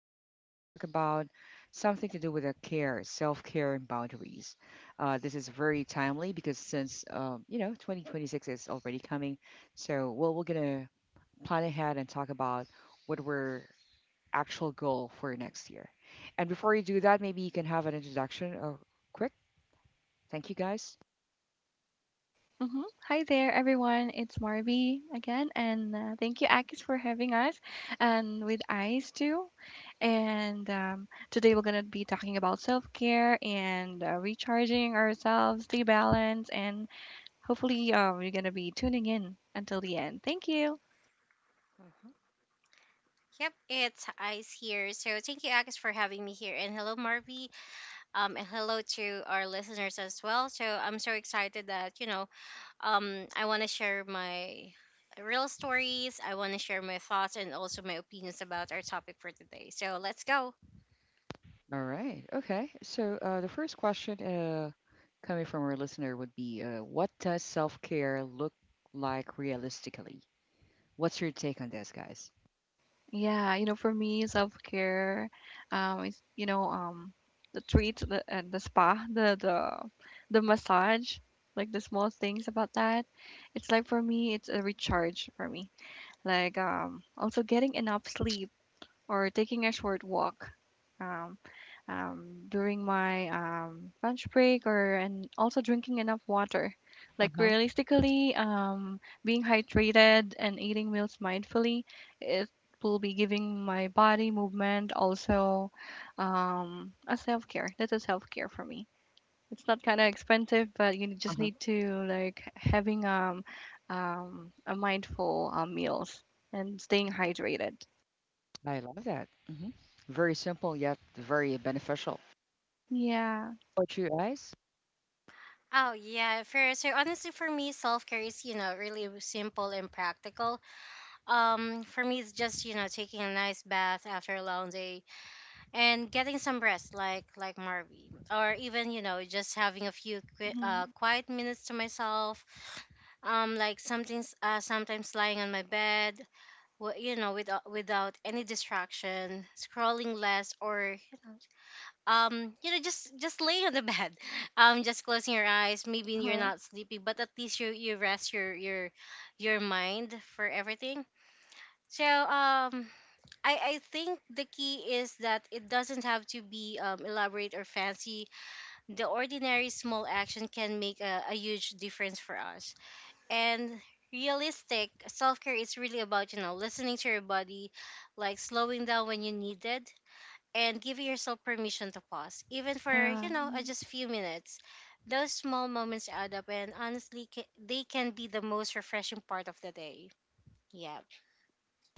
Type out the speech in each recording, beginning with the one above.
today we're going to talk about something to do with care, self-care and boundaries. This is very timely because since you know 2026 is already coming, so well we're gonna plan ahead and talk about what we're actual goal for next year. And before you do that, maybe you can have an introduction or quick. Thank you guys. hmm Hi there, everyone. It's Marby again, and thank you, Akis, for having us, and with Ice too. And Today we're gonna be talking about self-care and recharging ourselves, stay balanced, and hopefully, you're gonna be tuning in until the end. Thank you. Mhm. Yep, it's Ice here. So thank you, Agus, for having me here. And hello, Marvy. And hello to our listeners as well. So I'm so excited that, I want to share my real stories. I want to share my thoughts and also my opinions about our topic for today. So let's go. All right. Okay. So the first question coming from our listener would be what does self care look like realistically? What's your take on this, guys? Yeah, you know, for me, self-care, is, the treat, the spa, the massage, like the small things about that. It's like for me, it's a recharge for me. Like also getting enough sleep or taking a short walk um, during my lunch break or and also drinking enough water. Uh Like huh. realistically, being hydrated and eating meals mindfully, it will be giving my body movement also a self care. That's a self care for me. It's not kind of expensive, but you Uh just huh. need to like having a mindful meals and staying hydrated. I love that. Very simple, yet very beneficial. Yeah. What you guys? Oh, yeah. So honestly, for me, self-care is, really simple and practical. For me, it's just, taking a nice bath after a long day and getting some rest, like Marvy, or even just having a few Mhm. quiet minutes to myself. Like something's sometimes lying on my bed, without any distraction, scrolling less, or just laying on the bed. Just closing your eyes, maybe you're Uh-huh. not sleepy, but at least you rest your mind for everything. So I think the key is that it doesn't have to be elaborate or fancy. The ordinary small action can make a huge difference for us. And realistic self care is really about, listening to your body, like slowing down when you need it, and giving yourself permission to pause, even for, Yeah, just a few minutes. Those small moments add up, and honestly, they can be the most refreshing part of the day. Yeah.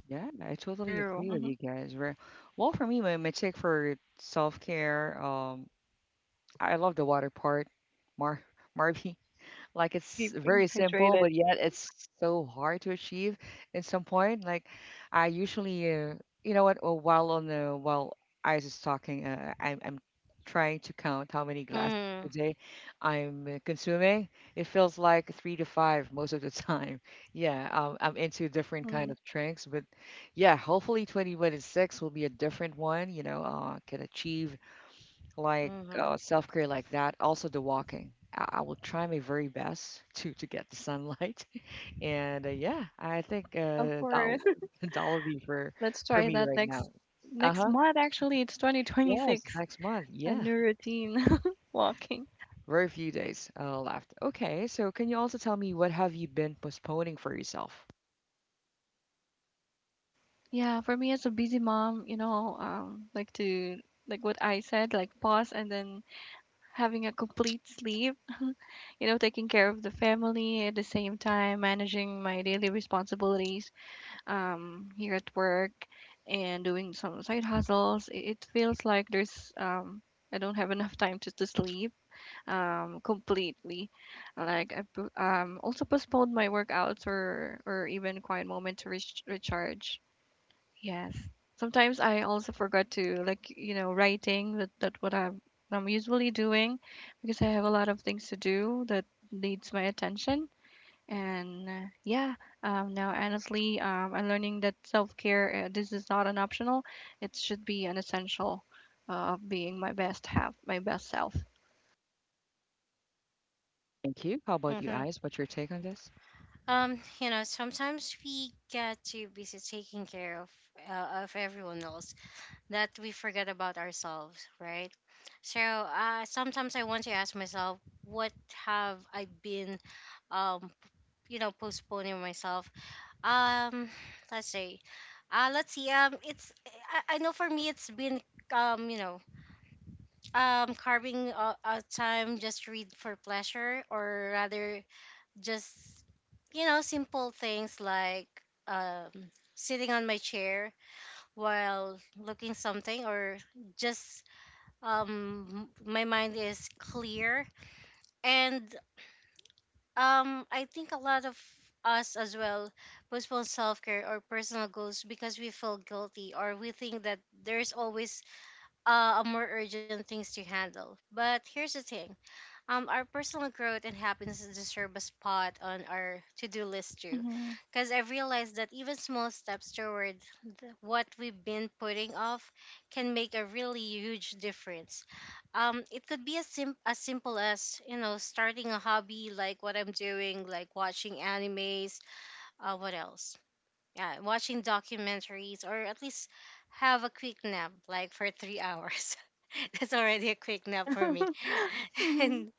Yeah, I totally true. agree with Mhm. you guys. Well, for me, my take for self care, I love the water part, Mar Marvy. Like it's Keeping very simple, hydrated. but yet it's so hard to achieve at some point. Like I usually, you know what? While on the while I was talking, I'm trying to count how many glasses Mm-hmm. per day I'm consuming. It feels like three to five most of the time. Yeah, I'm into different kind Mhm. of drinks, but yeah, hopefully 2026 will be a different one. You know, can achieve like Mm-hmm. Self-care like that. Also the walking. I will try my very best to get the sunlight. And yeah, I think Yeah, of course. that will be Let's for try me that right next now. next Uh-huh. month actually. It's Yes, 2026. next month. A Yeah, new routine walking. very few days left. Okay, so can you also tell me what have you been postponing for yourself? Yeah, for me as a busy mom, you know, like to like what I said, like pause and then having a complete sleep, you know, taking care of the family at the same time, managing my daily responsibilities here at work and doing some side hustles, it feels like there's I don't have enough time to sleep completely. Like I also postponed my workouts or even quiet moment to recharge. Yes. Sometimes I also forgot to like you know writing that what I'm usually doing because I have a lot of things to do that needs my attention and yeah, now honestly, I'm learning that self-care, this is not an optional. It should be an essential of being my best half, my best self. Thank you. How about you, Mm-hmm. Eyes? What's your take on this? Sometimes we get too busy taking care of, of everyone else, that we forget about ourselves, right? Sometimes I want to ask myself, what have I been, um, postponing myself? Um, let's say, let's see. It's I know for me it's been um, you know, carving a time just to read for pleasure, or rather just simple things, like um, sitting on my chair while looking something, or just my mind is clear. And I think a lot of us as well postpone self-care or personal goals because we feel guilty, or we think that there's always a more urgent things to handle. But here's the thing, our personal growth and happiness deserve a spot on our to-do list too, Hmm. because I realized that even small steps toward what we've been putting off can make a really huge difference. It could be as simple as, starting a hobby like what I'm doing, like watching animes. What else? Yeah, watching documentaries, or at least have a quick nap, like for 3 hours. That's already a quick nap for Yeah. me. Hmm. And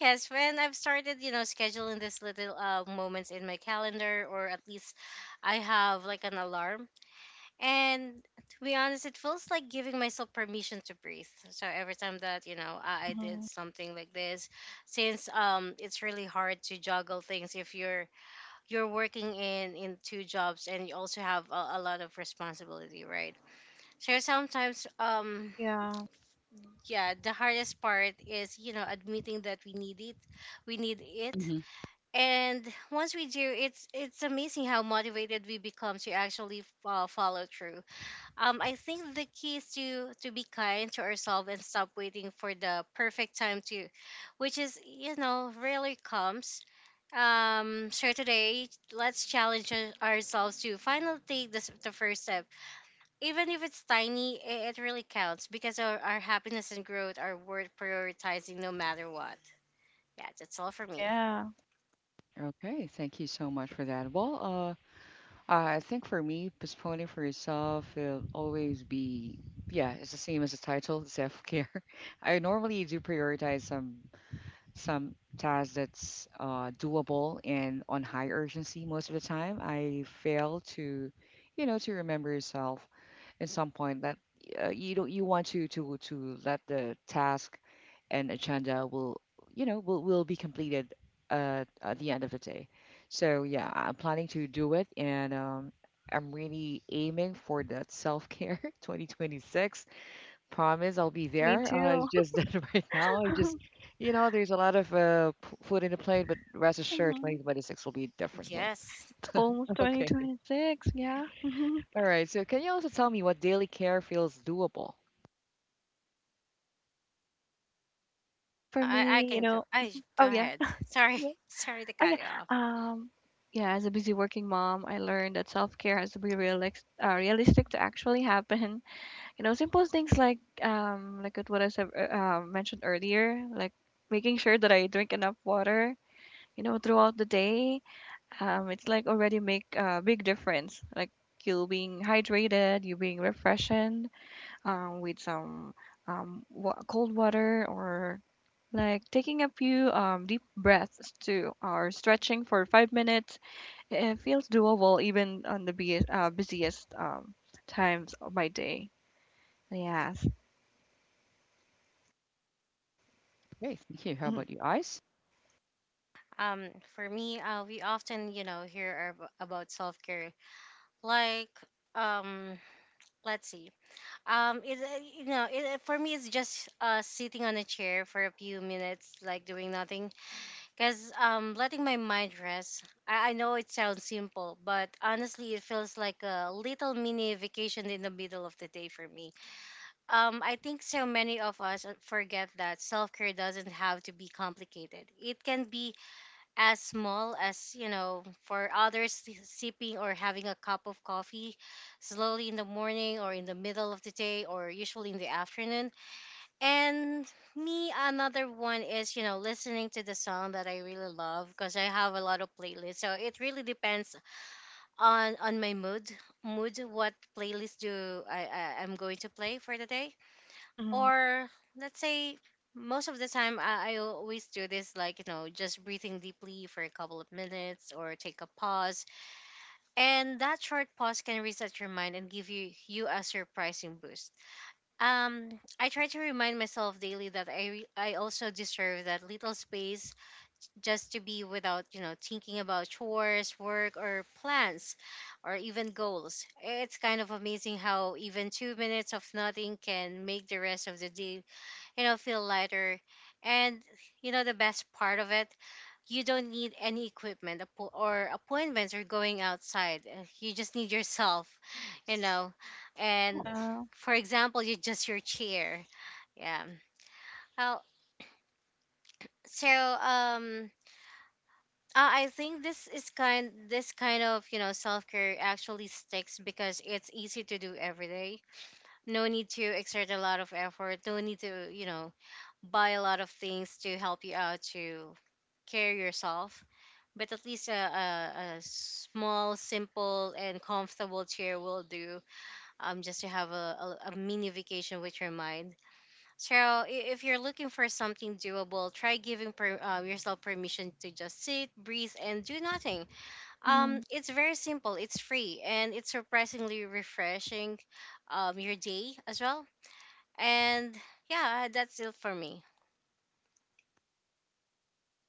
yes, when I've started, scheduling these little moments in my calendar, or at least I have like an alarm. And to be honest, it feels like giving myself permission to breathe. So every time that, I did Hmm. something like this, since it's really hard to juggle things if you're working in two jobs, and you also have a lot of responsibility, right? So sometimes, Yeah. yeah, the hardest part is, admitting that we need it, we need it. Mhm. And once we do, it's amazing how motivated we become to actually follow through. I think the key is to be kind to ourselves and stop waiting for the perfect time to which, is rarely comes. So today, let's challenge ourselves to finally take this, the first step, even if it's tiny. It really counts, because our happiness and growth are worth prioritizing, no matter what. Yeah, that's all for me. Yeah. Okay, thank you so much for that. Well, I think for me, postponing for yourself will always be, yeah, it's the same as the title, self care. I normally do prioritize some tasks that's doable and on high urgency most of the time I fail to you know to remember yourself at some point that you don't you want to to let the task and agenda will you know will be completed at the end of the day so yeah I'm planning to do it and I'm really aiming for that self-care 2026. Promise I'll be Yeah, me there. It's too. just that right now, I just, you know, there's a lot of p- food in the plate, but rest assured, Hmm. 2026 will be a different one. Yes, It's almost Okay. 2026. Yeah. Hmm. All right. So, can you also tell me what daily care feels doable? For I me, you can go. know, I go oh yeah. ahead. Sorry, Yeah. sorry to Oh cut yeah. you off. Um, yeah, as a busy working mom, I learned that self-care has to be realistic, realistic to actually happen. You know, simple things like what I said, mentioned earlier, like making sure that I drink enough water, you know, throughout the day. Um, it's like already make a big difference, like you being hydrated, you being refreshed, with some cold water, or like taking a few deep breaths too, or stretching for 5 minutes. It feels doable even on the busiest times of my day. Yes. Okay, thank you. How Mm-hmm. about you, Ice? For me, we often hear about self care, like um, let's see, it you know it, for me it's just sitting on a chair for a few minutes, like doing nothing. Because, letting my mind rest, I know it sounds simple, but honestly, it feels like a little mini vacation in the middle of the day for me. I think so many of us forget that self care doesn't have to be complicated. It can be as small as, for others, sipping or having a cup of coffee slowly in the morning, or in the middle of the day, or usually in the afternoon. And me, another one is, listening to the song that I really love, because I have a lot of playlists. So it really depends on my mood, what playlist do I I'm going to play for the day. Mhm. Or let's say, most of the time I always do this, like, just breathing deeply for a couple of minutes, or take a pause. And that short pause can reset your mind and give you a surprising boost. um, I try to remind myself daily that I also deserve that little space, just to be, without thinking about chores, work, or plans, or even goals. It's kind of amazing how even 2 minutes of nothing can make the rest of the day, feel lighter. And, the best part of it, you don't need any equipment, or appointments, or going outside. You just need yourself, you know. Oh, And Yeah. for example, you just your chair. Yeah. Oh, so um, I think this kind of, self care actually sticks because it's easy to do every day. No need to exert a lot of effort. No need to, buy a lot of things to help you out to care yourself. But at least a small, simple, and comfortable chair will do, just to have a mini vacation with your mind. So, if you're looking for something doable, try giving yourself permission to just sit, breathe, and do nothing. Mhm. It's very simple, it's free, and it's surprisingly refreshing, your day as well. And yeah, that's it for me.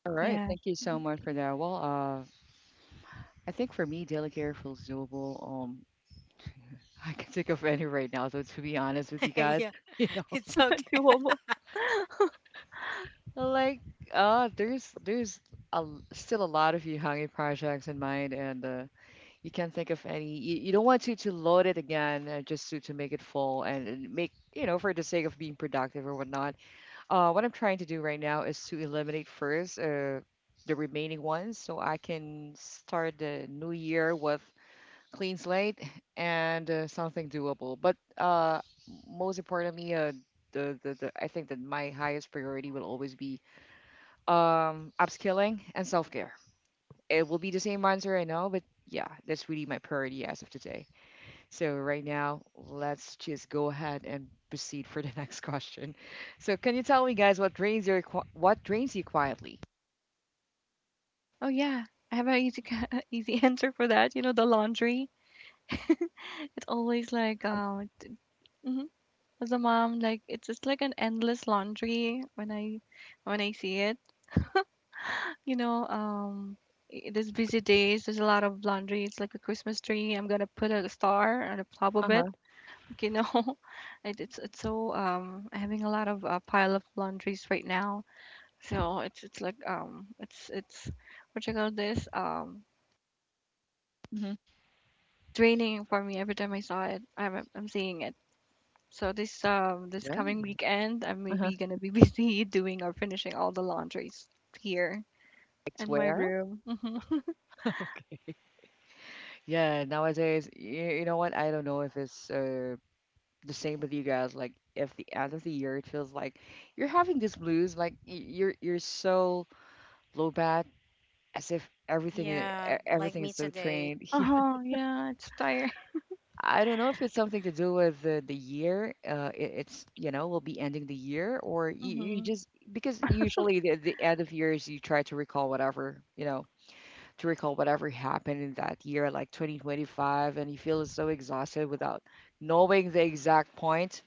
all right, Yeah. thank you so much for that. Well, I think for me, daily care feels doable. I can think of any right now. So to be honest with you guys, Yeah, you know, it's okay. Doable. like there's a, still a lot of Yohangi projects in mind, and you can't think of any. You don't want to load it again just to make it full and make you know for the sake of being productive or whatnot. What I'm trying to do right now is to eliminate first the remaining ones so I can start the new year with clean slate and something doable. But most importantly, the I think that my highest priority will always be upskilling and self care. It will be the same answer I know, but yeah, that's really my priority as of today. So right now, let's just go ahead and proceed for the next question. So can you tell me guys what drains you quietly? Oh, yeah. I have an easy answer for that. You know, the laundry. It's always like um, hmm, as a mom, like it's just like an endless laundry when I see it. You know, um, there's busy days, there's a lot of laundry. It's like a Christmas tree. I'm gonna put a star on the top of Uh it, huh. you know. It's so having a lot of pile of laundries right now. So it's like it's what you call this hmm like draining for me every time I saw it. I'm seeing it. So this this Yeah, coming weekend I'm Uh huh. maybe gonna be busy doing or finishing all the laundries here it's in my where? room. Hmm. Yeah, nowadays, you know what? I don't know if it's the same with you guys. Like, if the end of the year, it feels like you're having this blues, like you're so low bad, as if everything Yeah, like everything me is so today. trained. Uh-huh. Yeah, it's tiring. I don't know if it's something to do with the year. It's, you know, we'll be ending the year, or you Mm-hmm. just, because usually the end of years, you try to recall whatever, you know, to recall whatever happened in that year, like 2025, and you feel so exhausted without knowing the exact point.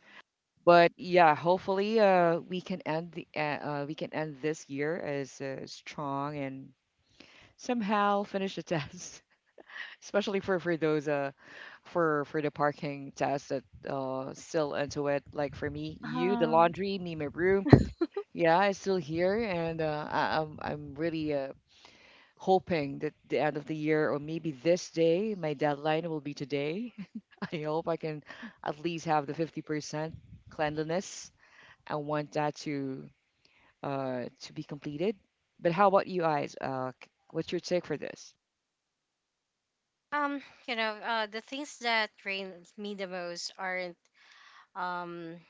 But yeah, hopefully we can end the we can end this year as strong and somehow finish the test especially for those for the parking tasks that still into it like for me you the Uh-huh. laundry me my room yeah it's still here and i'm really hoping that the end of the year or maybe this day my deadline will be today. I hope I can at least have the 50% cleanliness I want that to be completed but how about you guys what's your take for this? The things that drain me the most aren't, um,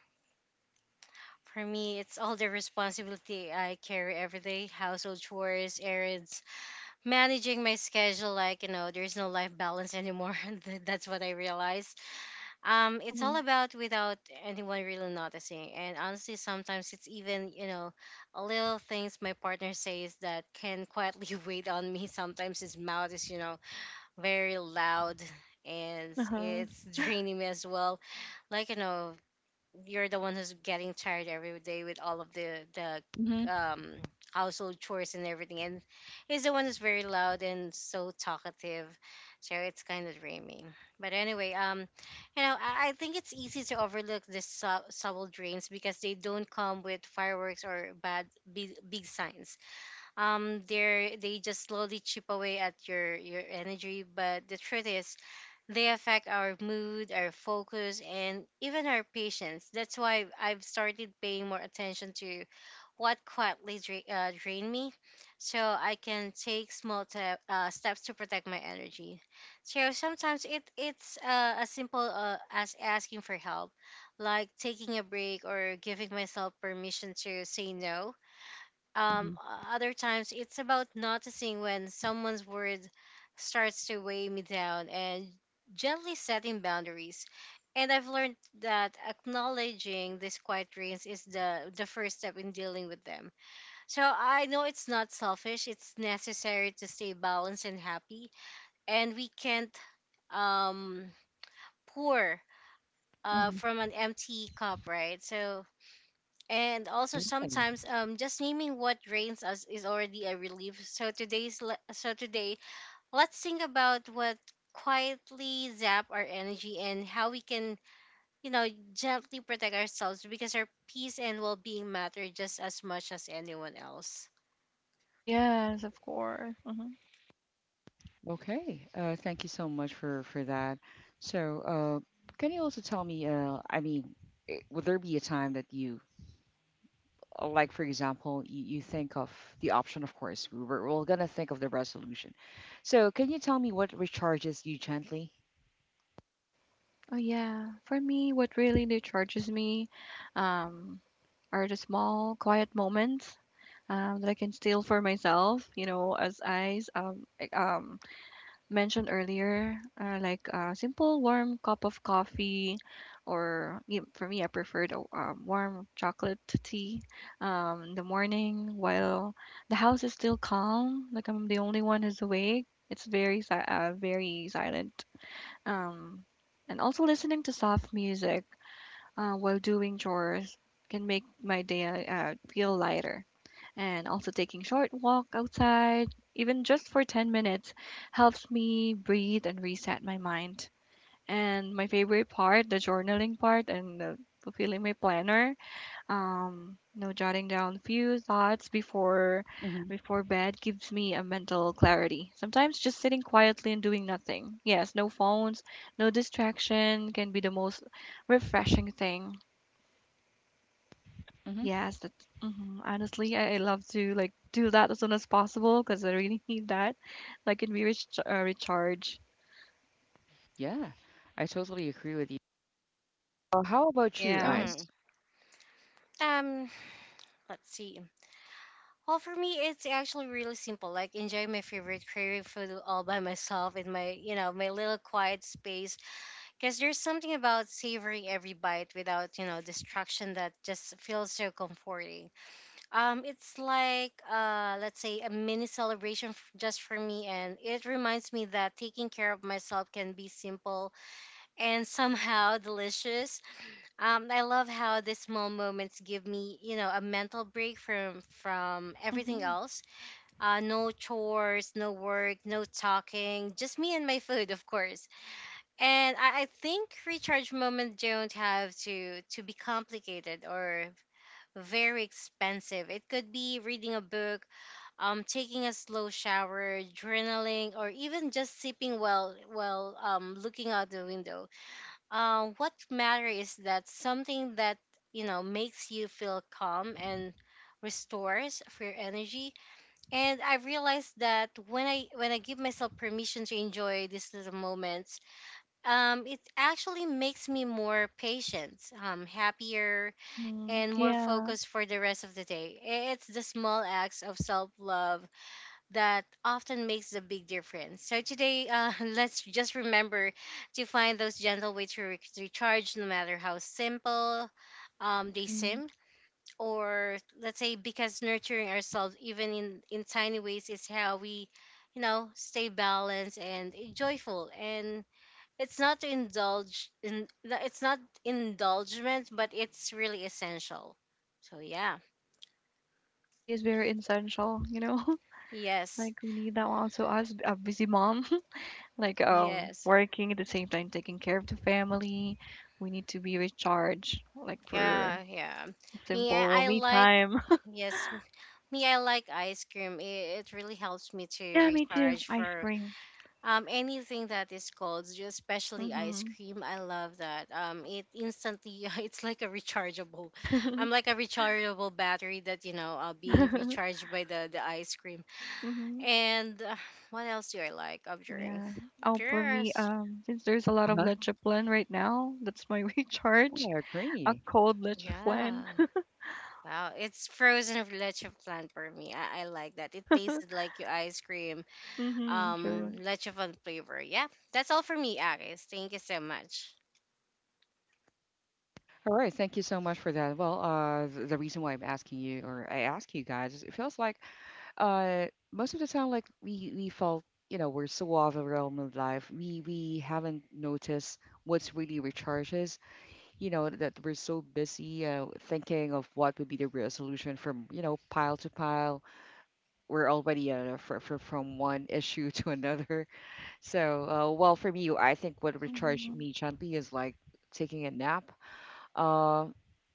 for me, it's all the responsibility I carry every day: household chores, errands, managing my schedule. Like, there's no life balance anymore. That's what I realized. It's Mm-hmm. all about without anyone really noticing. And honestly, sometimes it's even, a little things my partner says that can quietly wait on me. Sometimes his mouth is, very loud, and Uh-huh. it's draining me as well. Like, you're the one who's getting tired every day with all of the Mm-hmm. um household chores and everything, and he's the one who's very loud and so talkative. So it's kind of draining. But anyway, I think it's easy to overlook the subtle drains because they don't come with fireworks or bad big, big signs. They just slowly chip away at your energy, but the truth is, they affect our mood, our focus, and even our patience. That's why I've started paying more attention to what quietly drain me, so I can take small steps to protect my energy. So sometimes it's, as simple, as asking for help, like taking a break, or giving myself permission to say no. Mm-hmm. Other times it's about noticing when someone's word starts to weigh me down, and gently setting boundaries. And I've learned that acknowledging these quiet dreams is the first step in dealing with them. So I know it's not selfish, it's necessary to stay balanced and happy, and we can't um pour, Mm-hmm. from an empty cup, right? So, and also Really? sometimes, just naming what drains us is already a relief. So today, let's think about what quietly zap our energy, and how we can, you know gently protect ourselves, because our peace and well-being matter just as much as anyone else. Yes, of course. Mm-hmm. Okay, thank you so much for that. So, can you also tell me, I mean, would there be a time that you, like for example, you think of the option, of course, we're gonna think of the resolution. So, can you tell me what recharges you gently? Oh yeah. For me, what really recharges me um are the small quiet moments that I can steal for myself. You know, as I mentioned earlier, like a simple warm cup of coffee, or for me, I preferred a warm chocolate tea in the morning while the house is still calm. Like I'm the only one who's awake. It's very silent. Um, and also listening to soft music while doing chores can make my day feel lighter, and also taking short walk outside, even just for 10 minutes, helps me breathe and reset my mind. And my favorite part, the journaling part and the fulfilling my planner, you know, jotting down few thoughts before hmm before bed, gives me a mental clarity. Sometimes just sitting quietly and doing nothing. Yes, no phones, no distraction can be the most refreshing thing. hmm Yes, that's mhm. Honestly, I love to like do that as soon as possible because I really need that. Like, can we reach recharge? Yeah, I totally agree with you. How about you, Yeah. Ice? Mm. Um, let's see. Well, for me, it's actually really simple. Like, enjoy my favorite creative food all by myself, in my, my little quiet space. Because there's something about savoring every bite without distraction that just feels so comforting. It's like let's say a mini celebration just for me, and it reminds me that taking care of myself can be simple and somehow delicious. I love how these small moments give me a mental break from everything Mm-hmm. else. No chores, no work, no talking, just me and my food, of course. And I think recharge moments don't have to be complicated or very expensive. It could be reading a book, taking a slow shower, journaling, or even just sipping while looking out the window. What matters is that something that makes you feel calm and restores for your energy. And I realized that when I give myself permission to enjoy these little moments, it actually makes me more patient, happier, Mm-hmm. and more Yeah. focused for the rest of the day. It's the small acts of self love that often makes the big difference. So today, let's just remember to find those gentle ways to recharge, no matter how simple they Mm-hmm. seem. Or let's say, because nurturing ourselves, even in tiny ways, is how we, stay balanced and joyful. And it's not to indulge in, no, it's not indulgement, but it's really essential. So yeah. It is very essential, you know. Yes. Like we need that one. So as a busy mom, like Yes. working at the same time, taking care of the family, we need to be recharged, like for Yeah, yeah. Me, I, simple I me like, time. yes, me, I like ice cream. It really helps me to Yeah, me too. recharge. Ice For cream. Anything that is cold, especially ice Mm-hmm. cream, I love that. It instantly it's like a rechargeable. I'm like a rechargeable battery that, you know, being recharged by the ice cream. Mm-hmm. And what else do I like of drink? Yeah. Oh, for me, There's since there's a lot of Uh-huh. leche plan right now, that's my recharge. Yeah, I A agree. cold leche plan. yeah. Wow, it's frozen leche flan for me. I like that. It tasted like your ice cream, Mm-hmm. True. Leche flan flavor. Yeah, that's all for me, Agnes. Thank you so much. All right, thank you so much for that. Well, the reason why I'm asking you, or I ask you guys, is it feels like uh most of the time like we felt you know we're so overwhelmed with life we haven't noticed what's really recharges you know that we're so busy thinking of what would be the real solution from you know pile to pile we're already fr fr from one issue to another. So well for me I think what recharge Mm-hmm. me gently is like taking a nap uh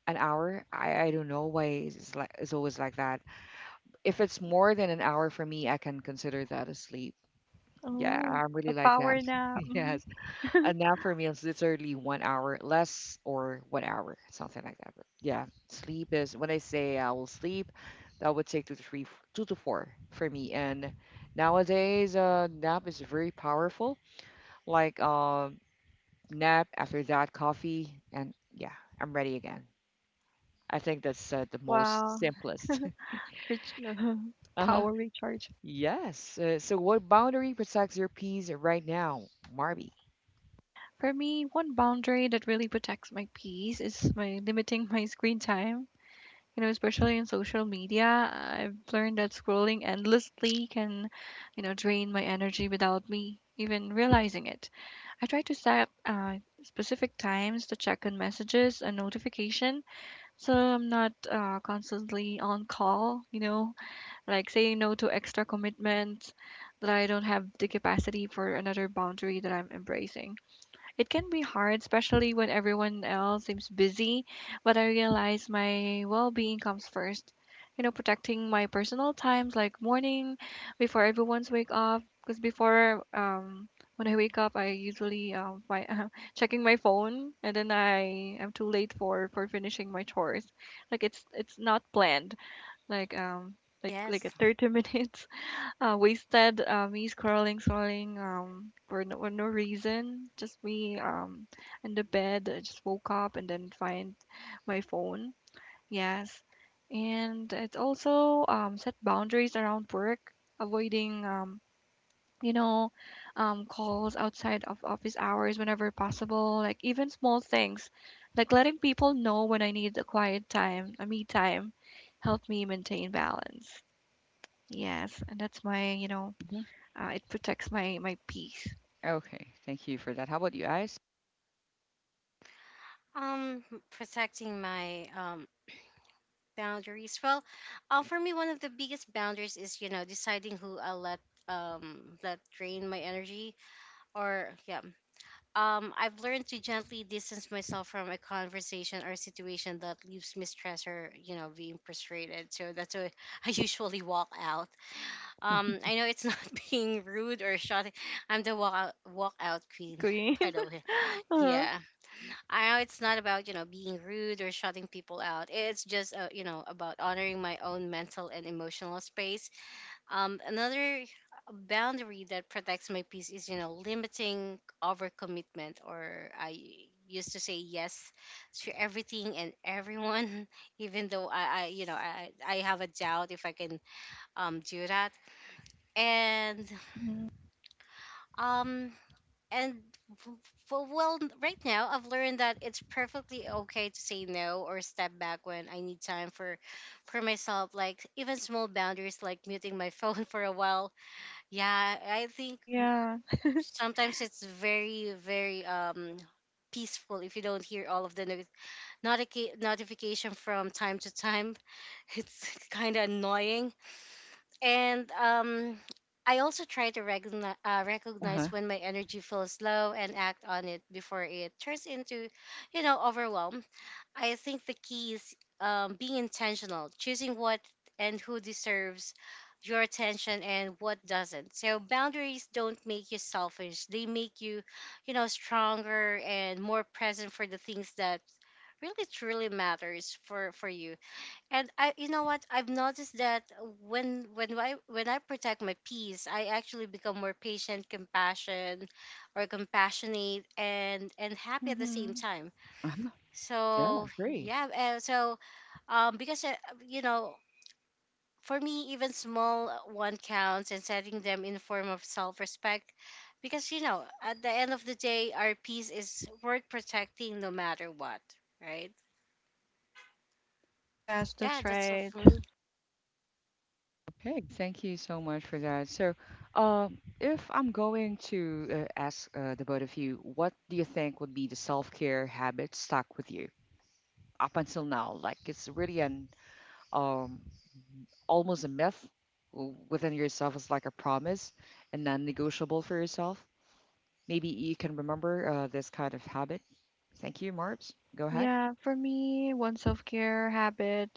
an hour i don't know why it's like it's always like that if it's more than an hour for me, I can consider that a sleep. Yeah, Oh, I'm a really like that. power nap. Yes. Mm-hmm. A nap for me is literally 1 hour less or 1 hour, something like that. But yeah, sleep is when I say I will sleep, that would take two to four for me. And nowadays, nap is very powerful. Like nap after that, coffee, and yeah, I'm ready again. I think that's the most Wow. simplest. Rich Uh-huh. power recharge. Yes. So, what boundary protects your peace right now, Marby? For me, one boundary that really protects my peace is my limiting my screen time. You know, especially in social media, I've learned that scrolling endlessly can, you know, drain my energy without me even realizing it. I try to set specific times to check on messages and notification, so I'm not constantly on call. You know, like saying no to extra commitments that I don't have the capacity for another boundary that I'm embracing. It can be hard, especially when everyone else seems busy, but I realize my well being comes first. You know, protecting my personal times like morning before everyone's wake up. Because before, when I wake up, I usually my checking my phone, and then I am too late for finishing my chores. Like it's not planned. Like like Yes. like a 30 minutes wasted, me scrolling, scrolling, for no reason. Just me, in the bed. I just woke up and then find my phone. Yes. And it also, set boundaries around work, avoiding, you know, calls outside of office hours whenever possible. Like even small things, like letting people know when I need a quiet time, a me time, help me maintain balance. Yes. And that's my, you know, hmm it protects my my peace. Okay, thank you for that. How about you guys? Um, protecting my boundaries. Well, for me, one of the biggest boundaries is deciding who I let let drain my energy. Or yeah, I've learned to gently distance myself from a conversation or situation that leaves me stressed or, you know, being frustrated. So that's why I usually walk out. I know it's not being rude or shouting. I'm the walk out God queen, green. by the way. Uh-huh. Yeah. I know it's not about, you know, being rude or shutting people out. It's just, you know, about honoring my own mental and emotional space. Another boundary that protects my peace is, you know, limiting overcommitment. Or I used to say yes to everything and everyone, even though I you know, I have a doubt if I can do that. And Hmm. um, and f- f- well, Well, right now I've learned that it's perfectly okay to say no or step back when I need time for myself. Like even small boundaries, like muting my phone for a while. Yeah, I think Yeah. sometimes it's very, very peaceful if you don't hear all of the notification from time to time. It's kind of annoying. And I also try to recognize, Uh-huh. when my energy feels low and act on it before it turns into, you know, overwhelm. I think the key is being intentional, choosing what and who deserves your attention and what doesn't. So boundaries don't make you selfish. They make you, you know, stronger and more present for the things that really truly matters for you. And I, you know what? I've noticed that when I protect my peace, I actually become more patient, compassionate and happy at the same Hmm. time. Uh-huh. Yeah, So agree. yeah, so because you know, for me, even small one counts, and setting them in form of self-respect. Because you know, at the end of the day, our peace is worth protecting, no matter what, right? Yes, Yeah, that's that's all right. for me. Okay, thank you so much for that. So, if I'm going to ask the both of you, what do you think would be the self-care habit stuck with you up until now? Like it's really an um almost a myth within yourself. It's like a promise and non-negotiable for yourself. Maybe you can remember this kind of habit. Thank you, Marbs. Go ahead. Yeah, for me, one self-care habit,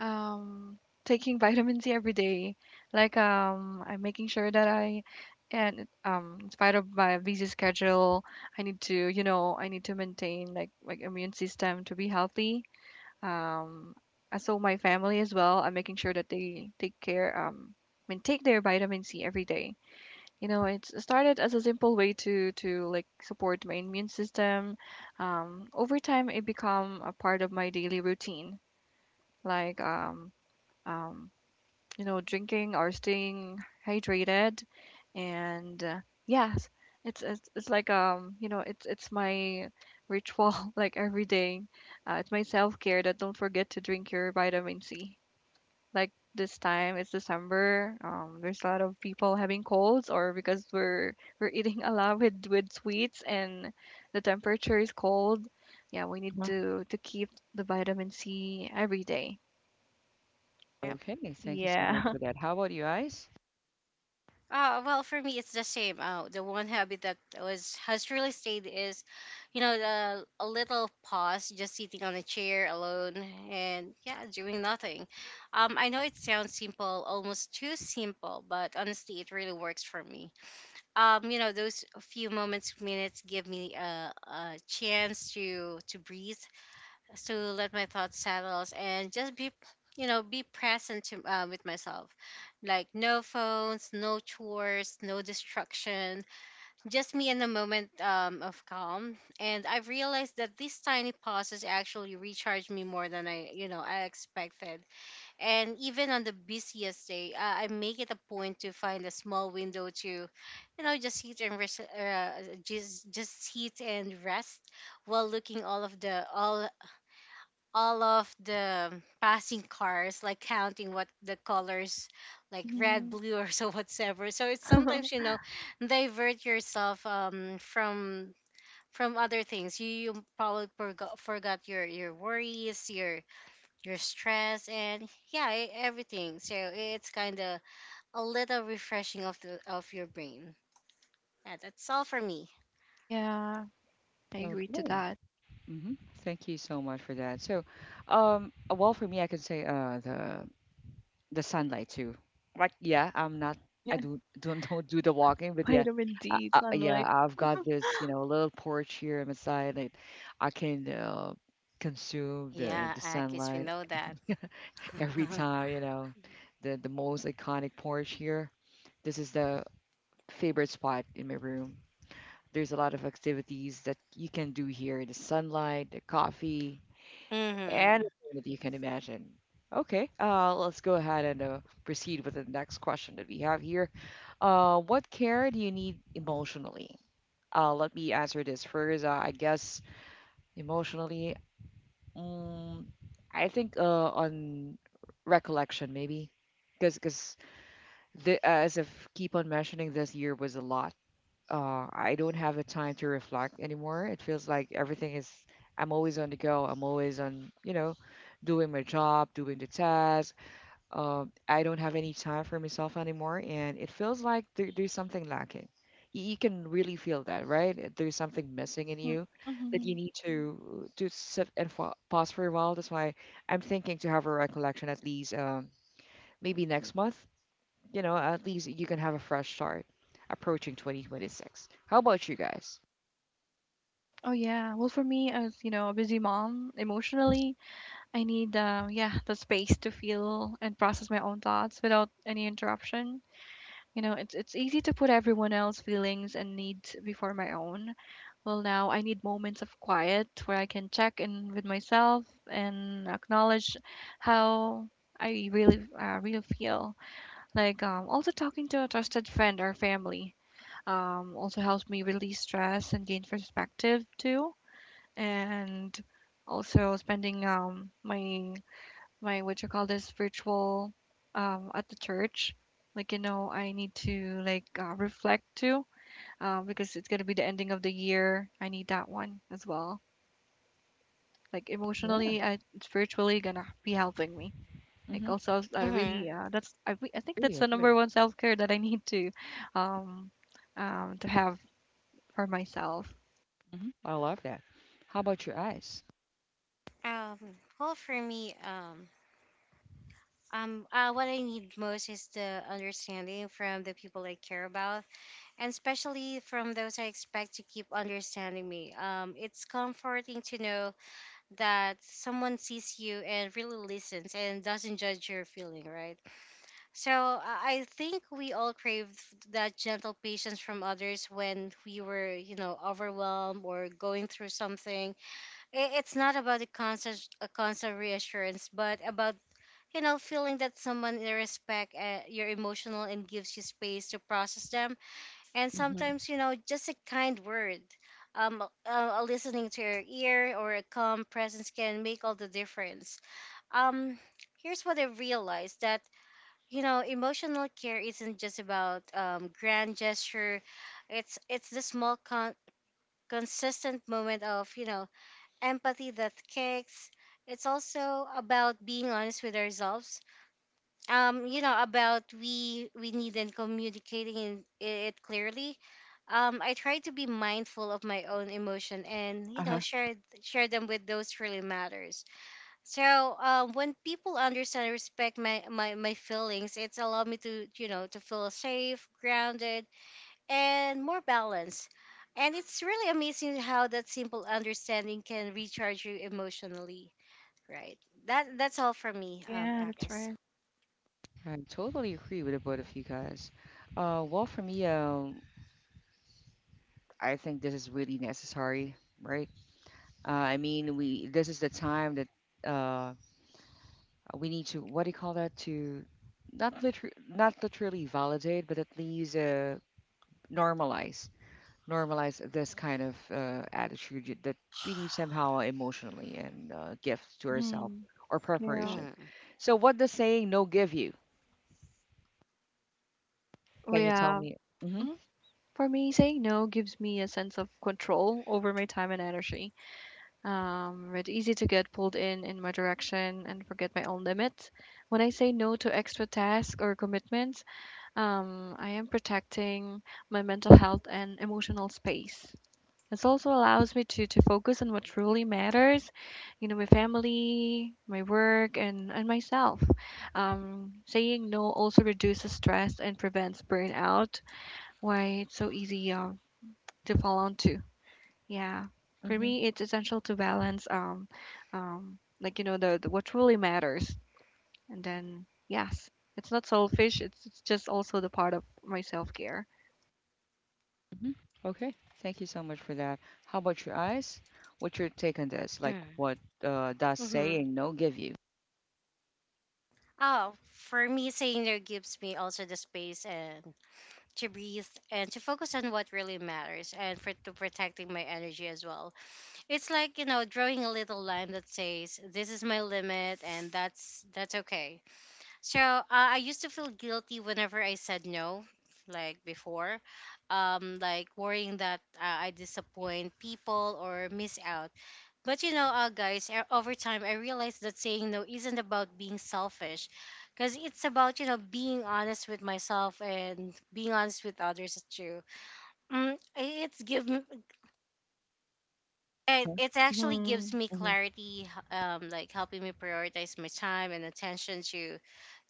um, taking vitamin C every day. Like I'm making sure that and in spite of my busy schedule, I need to, you know, I need to maintain like my immune system to be healthy. Um, and so my family as well, I'm making sure that they take care um, I mean, take their vitamin C every day. You know, it started as a simple way to like support my immune system. Um, over time it become a part of my daily routine, like um you know, drinking or staying hydrated. And yes, it's like you know, it's my ritual like every day. It's my self-care that don't forget to drink your vitamin C. Like this time it's December. There's a lot of people having colds or because we're eating a lot with sweets and the temperature is cold. Yeah, we need Uh-huh. To keep the vitamin C every day. Yep. Okay, thank you so much Yeah. for that. How about you, Ice? Well, for me, it's the same. The one habit that was has really stayed is, you know, the, a little pause, just sitting on a chair alone and yeah, doing nothing. I know it sounds simple, almost too simple, but honestly, it really works for me. You know, those few moments, minutes give me a chance to breathe, to let my thoughts settle and just be, you know, be present to, with myself. Like no phones, no chores, no distraction, just me in a moment of calm. And I have realized that these tiny pauses actually recharge me more than I, you know, I expected. And even on the busiest day, I make it a point to find a small window to, you know, just sit and rest, just sit and rest while looking all of the passing cars, like counting what the colors, like red, blue, or so whatsoever. So it's Mhm. sometimes, you know, divert yourself from other things. You probably forgot your worries, your stress, and yeah, everything. So it's kind of a little refreshing of the of your brain. Yeah, that's all for me. Yeah, I agree to Okay. that. hmm Thank you so much for that. So, well, for me, I can say the sunlight too. Like, yeah, I'm not. I Yeah, do don't do the walking, but yeah, vitamin D, yeah, sunlight. I've got this, you know, little porch here on the side. Like, I can consume the Yeah, Akis, we sunlight, know that. every time, you know, the most iconic porch here. This is the favorite spot in my room. There's a lot of activities that you can do here, the sunlight, the coffee, mhm. anything that you can imagine. Okay, let's go ahead and proceed with the next question that we have here. What care do you need emotionally? Let me answer this first. I guess emotionally, um, I think on recollection maybe, because the as if keep on mentioning this year was a lot. I don't have the time to reflect anymore. It feels like everything is. I'm always on the go. I'm always on, you know, doing my job, doing the task. I don't have any time for myself anymore, and it feels like there's something lacking. You can really feel that, right? There's something missing in Mm, you that you mhm. need to sit and fa pause for a while. That's why I'm thinking to have a recollection at least maybe next month, you know, at least you can have a fresh start approaching 2026. How about you guys? Oh yeah. Well, for me, as you know, a busy mom, emotionally, I need yeah the space to feel and process my own thoughts without any interruption. You know, it's easy to put everyone else's feelings and needs before my own. Well, now I need moments of quiet where I can check in with myself and acknowledge how I really feel. Like also talking to a trusted friend or family also helps me release stress and gain perspective too. And also spending my my what you call this virtual at the church. Like you know, I need to like reflect too because it's gonna be the ending of the year. I need that one as well. Like Yeah, emotionally, I, it's virtually gonna be helping me. mm-hmm, Like also, I really Mhm. I think agree, that's the agree. number one self care that I need um, to have for myself. Hmm, I love that. How about your eyes? Um, well, for me, what I need most is the understanding from the people I care about, and especially from those I expect to keep understanding me. It's comforting to know that someone sees you and really listens and doesn't judge your feeling, right? So I think we all crave that gentle patience from others when we were, you know, overwhelmed or going through something. It's not about a constant reassurance, but about, you know, feeling that someone in respect your emotional and gives you space to process them. And Hmm. sometimes, you know, just a kind word, a listening to your ear or a calm presence can make all the difference. um Here's what I realized, that, you know, emotional care isn't just about grand gesture. It's the small consistent moment of, you know, empathy that kicks. It's also about being honest with ourselves. You know, about we need and communicating it clearly. I try to be mindful of my own emotion and, you know, Uh-huh. Share them with those really matters. So when people understand and respect my feelings, it's allowed me to, you know, to feel safe, grounded, and more balanced. And it's really amazing how that simple understanding can recharge you emotionally, right? That that's all for me, Yeah, that's Agnes. right. I totally agree with the both of you guys. Well, for me, I think this is really necessary, right? I mean, we this is the time that uh, we need to, what do you call that, to not literally validate, but at least normalize, normalize this kind of attitude that we need somehow emotionally, and gift to ourselves Mm-hmm. or Yeah. preparation. So, what does saying no give you? Can you tell Yeah. me? Hmm. Hmm. For me, saying no gives me a sense of control over my time and energy. It's easy to get pulled in my direction and forget my own limits. When I say no to extra tasks or commitments, I am protecting my mental health and emotional space. It also allows me to focus on what truly matters, you know, my family, my work, and myself. Saying no also reduces stress and prevents burnout. Why it's so easy to fall onto. Yeah, for Hmm. me, it's essential to balance like you know the what truly matters, and then yes, it's not selfish. It's just also the part of my self care. Hmm. Okay, thank you so much for that. How about your eyes? What's your take on this? Like, what does Mm-hmm. saying no give you? Oh, for me, saying no gives me also the space and to breathe and to focus on what really matters and for to protecting my energy as well. It's like, you know, drawing a little line that says this is my limit, and that's okay. So I used to feel guilty whenever I said no, like before, like worrying that I disappoint people or miss out. But you know, guys, over time, I realized that saying no isn't about being selfish, because it's about, you know, being honest with myself and being honest with others too. Mm, it, it actually gives Mhm. me Hmm. clarity, like helping me prioritize my time and attention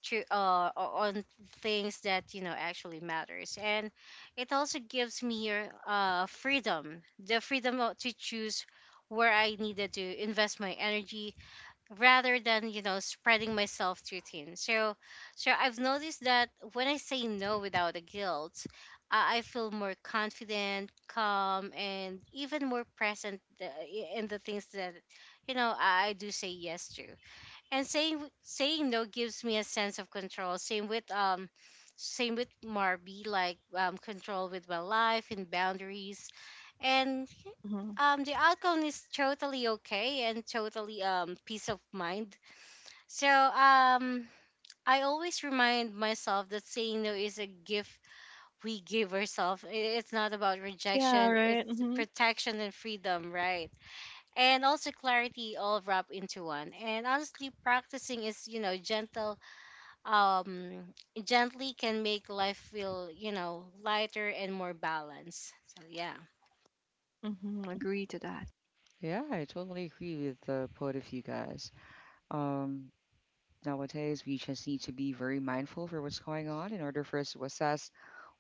to on things that, you know, actually matters. And it also gives me freedom, the freedom of- to choose where I needed to invest my energy rather than, you know, spreading myself too thin. So so I've noticed that when I say no without a guilt, I feel more confident, calm, and even more present, in the things that, you know, I do say yes to. And saying no gives me a sense of control, same with Marby, like control with my life and boundaries. And Mhm. The outcome is totally okay and totally peace of mind. So I always remind myself that saying no is a gift we give ourselves. It's not about Yeah. rejection, Right. it's Mhm. protection and freedom, right? And also clarity, all wrapped into one. And honestly, practicing is, you know, gentle, um, gently can make life feel, you know, lighter and more balanced. So yeah. Mhm. Agree to that. Yeah, I totally agree with the both of you guys. Um, Nowadays, we just need to be very mindful for what's going on in order for us to assess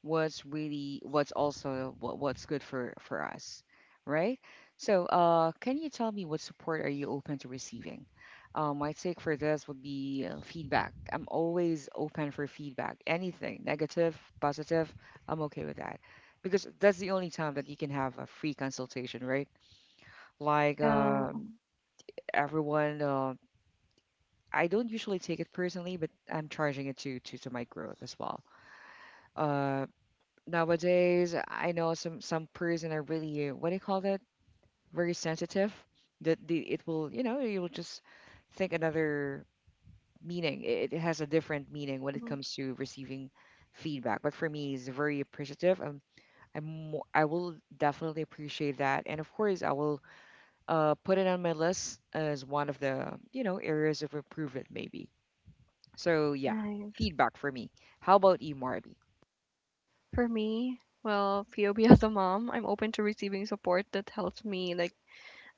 what's really, what's also what, what's good for us, right? So can you tell me, what support are you open to receiving? My take for this would be feedback. I'm always open for feedback, anything negative, positive. I'm okay with that, because that's the only time that you can have a free consultation, right? Like, Yeah. Everyone, I don't usually take it personally, but I'm charging it to to my growth as well. uh, Nowadays I know some person are really what do you call that, very sensitive, that the it will, you know, you will just think another meaning. It has a different meaning when it Mhm. comes to receiving feedback, but for me it's very appreciative. I will definitely appreciate that, and of course I will put it on my list as one of the, you know, areas of improvement maybe. So yeah, Nice. feedback for me. How about you, Marby? For me, well, POB as a mom, I'm open to receiving support that helps me like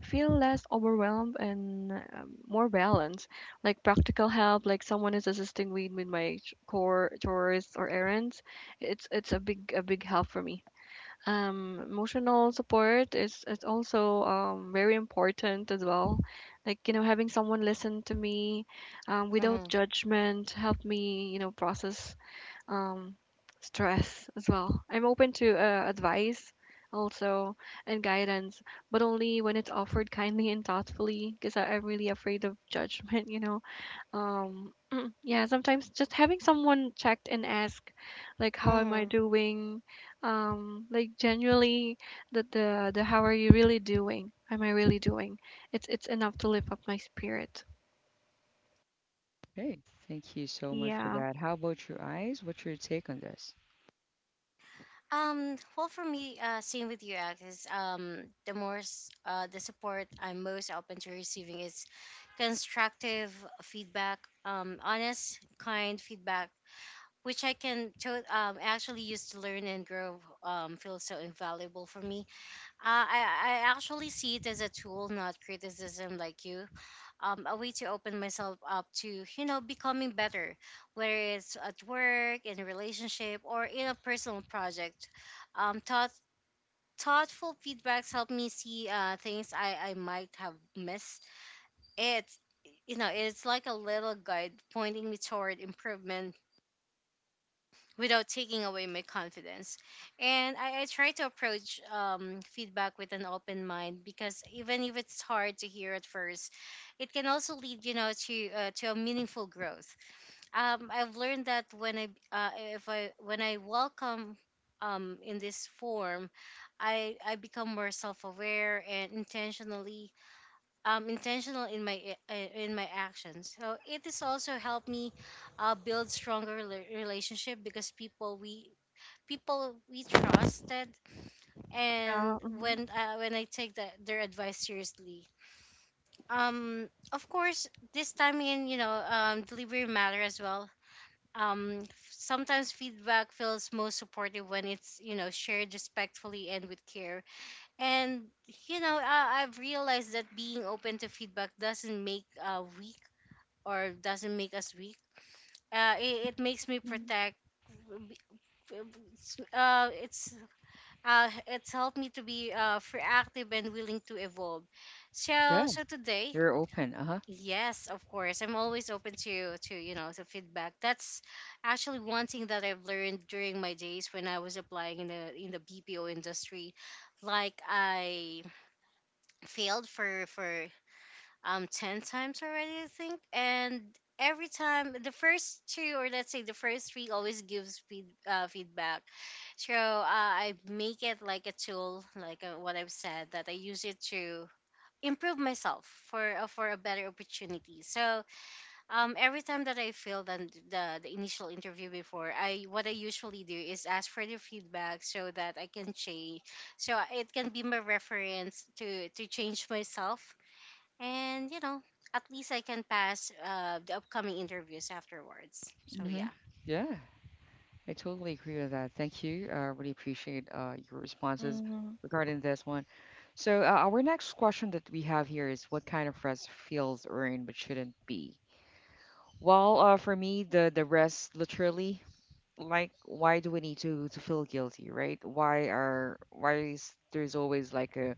feel less overwhelmed and more balanced. Like practical help, like someone is assisting me with my core chores or errands. It's a big a big help for me. Emotional support is also very important as well. Like you know, having someone listen to me, without Mm-hmm. judgment, help me you know process um, stress as well. I'm open to advice also and guidance, but only when it's offered kindly and thoughtfully because I'm really afraid of judgment, you know. Um, yeah, sometimes just having someone checked and ask, like, how am I Mm-hmm. doing? Like genuinely, that the how are you really doing? Am I really doing? It's enough to lift up my spirit. Hey, thank you so much for Yeah. that. How about your eyes? What's your take on this? Well, for me, same with you, Alex. The more the support I'm most open to receiving is constructive feedback, honest, kind feedback, which I can actually use to learn and grow. Feels so invaluable for me. I actually see it as a tool, not criticism like you. A way to open myself up to, you know, becoming better, whether it's at work, in a relationship, or in a personal project. Um, thought, Thoughtful feedbacks help me see things I might have missed. It's, you know, it's like a little guide pointing me toward improvement without taking away my confidence. And I try to approach feedback with an open mind, because even if it's hard to hear at first, it can also lead, to a meaningful growth. I've learned that when I if I when I welcome in this form, I become more self aware and intentional in my actions. So it has also helped me build stronger relationship because people we trusted Yeah. and hmm when I take their advice seriously. Of course, this time in, delivery matter as well. Um, sometimes feedback feels most supportive when it's, shared respectfully and with care. And, I've realized that being open to feedback doesn't make weak, or doesn't make us weak. It makes me hmm protect. Uh, it's it's helped me to be proactive and willing to evolve. So Yeah, so today, you're open. Uh-huh. yes, of course, I'm always open to to feedback. That's actually one thing that I've learned during my days when I was applying in the BPO industry. Like, I failed for 10 times already, I think. And every time, the first two, or let's say the first three, always gives feedback. So I make it like a tool, like what I've said, that I use it to improve myself for a better opportunity. So every time that I failed on the initial interview before, I what I usually do is ask for the feedback, so that I can change, so it can be my reference to change myself. And, you know, at least I can pass the upcoming interviews afterwards. So, Mm-hmm. yeah. Yeah, I totally agree with that. Thank you. I really appreciate your responses hmm regarding this one. So, our next question that we have here is, what kind of rest feels earned but shouldn't be? Well, for me, the rest literally, like, why do we need to feel guilty, right? Why is there's always like a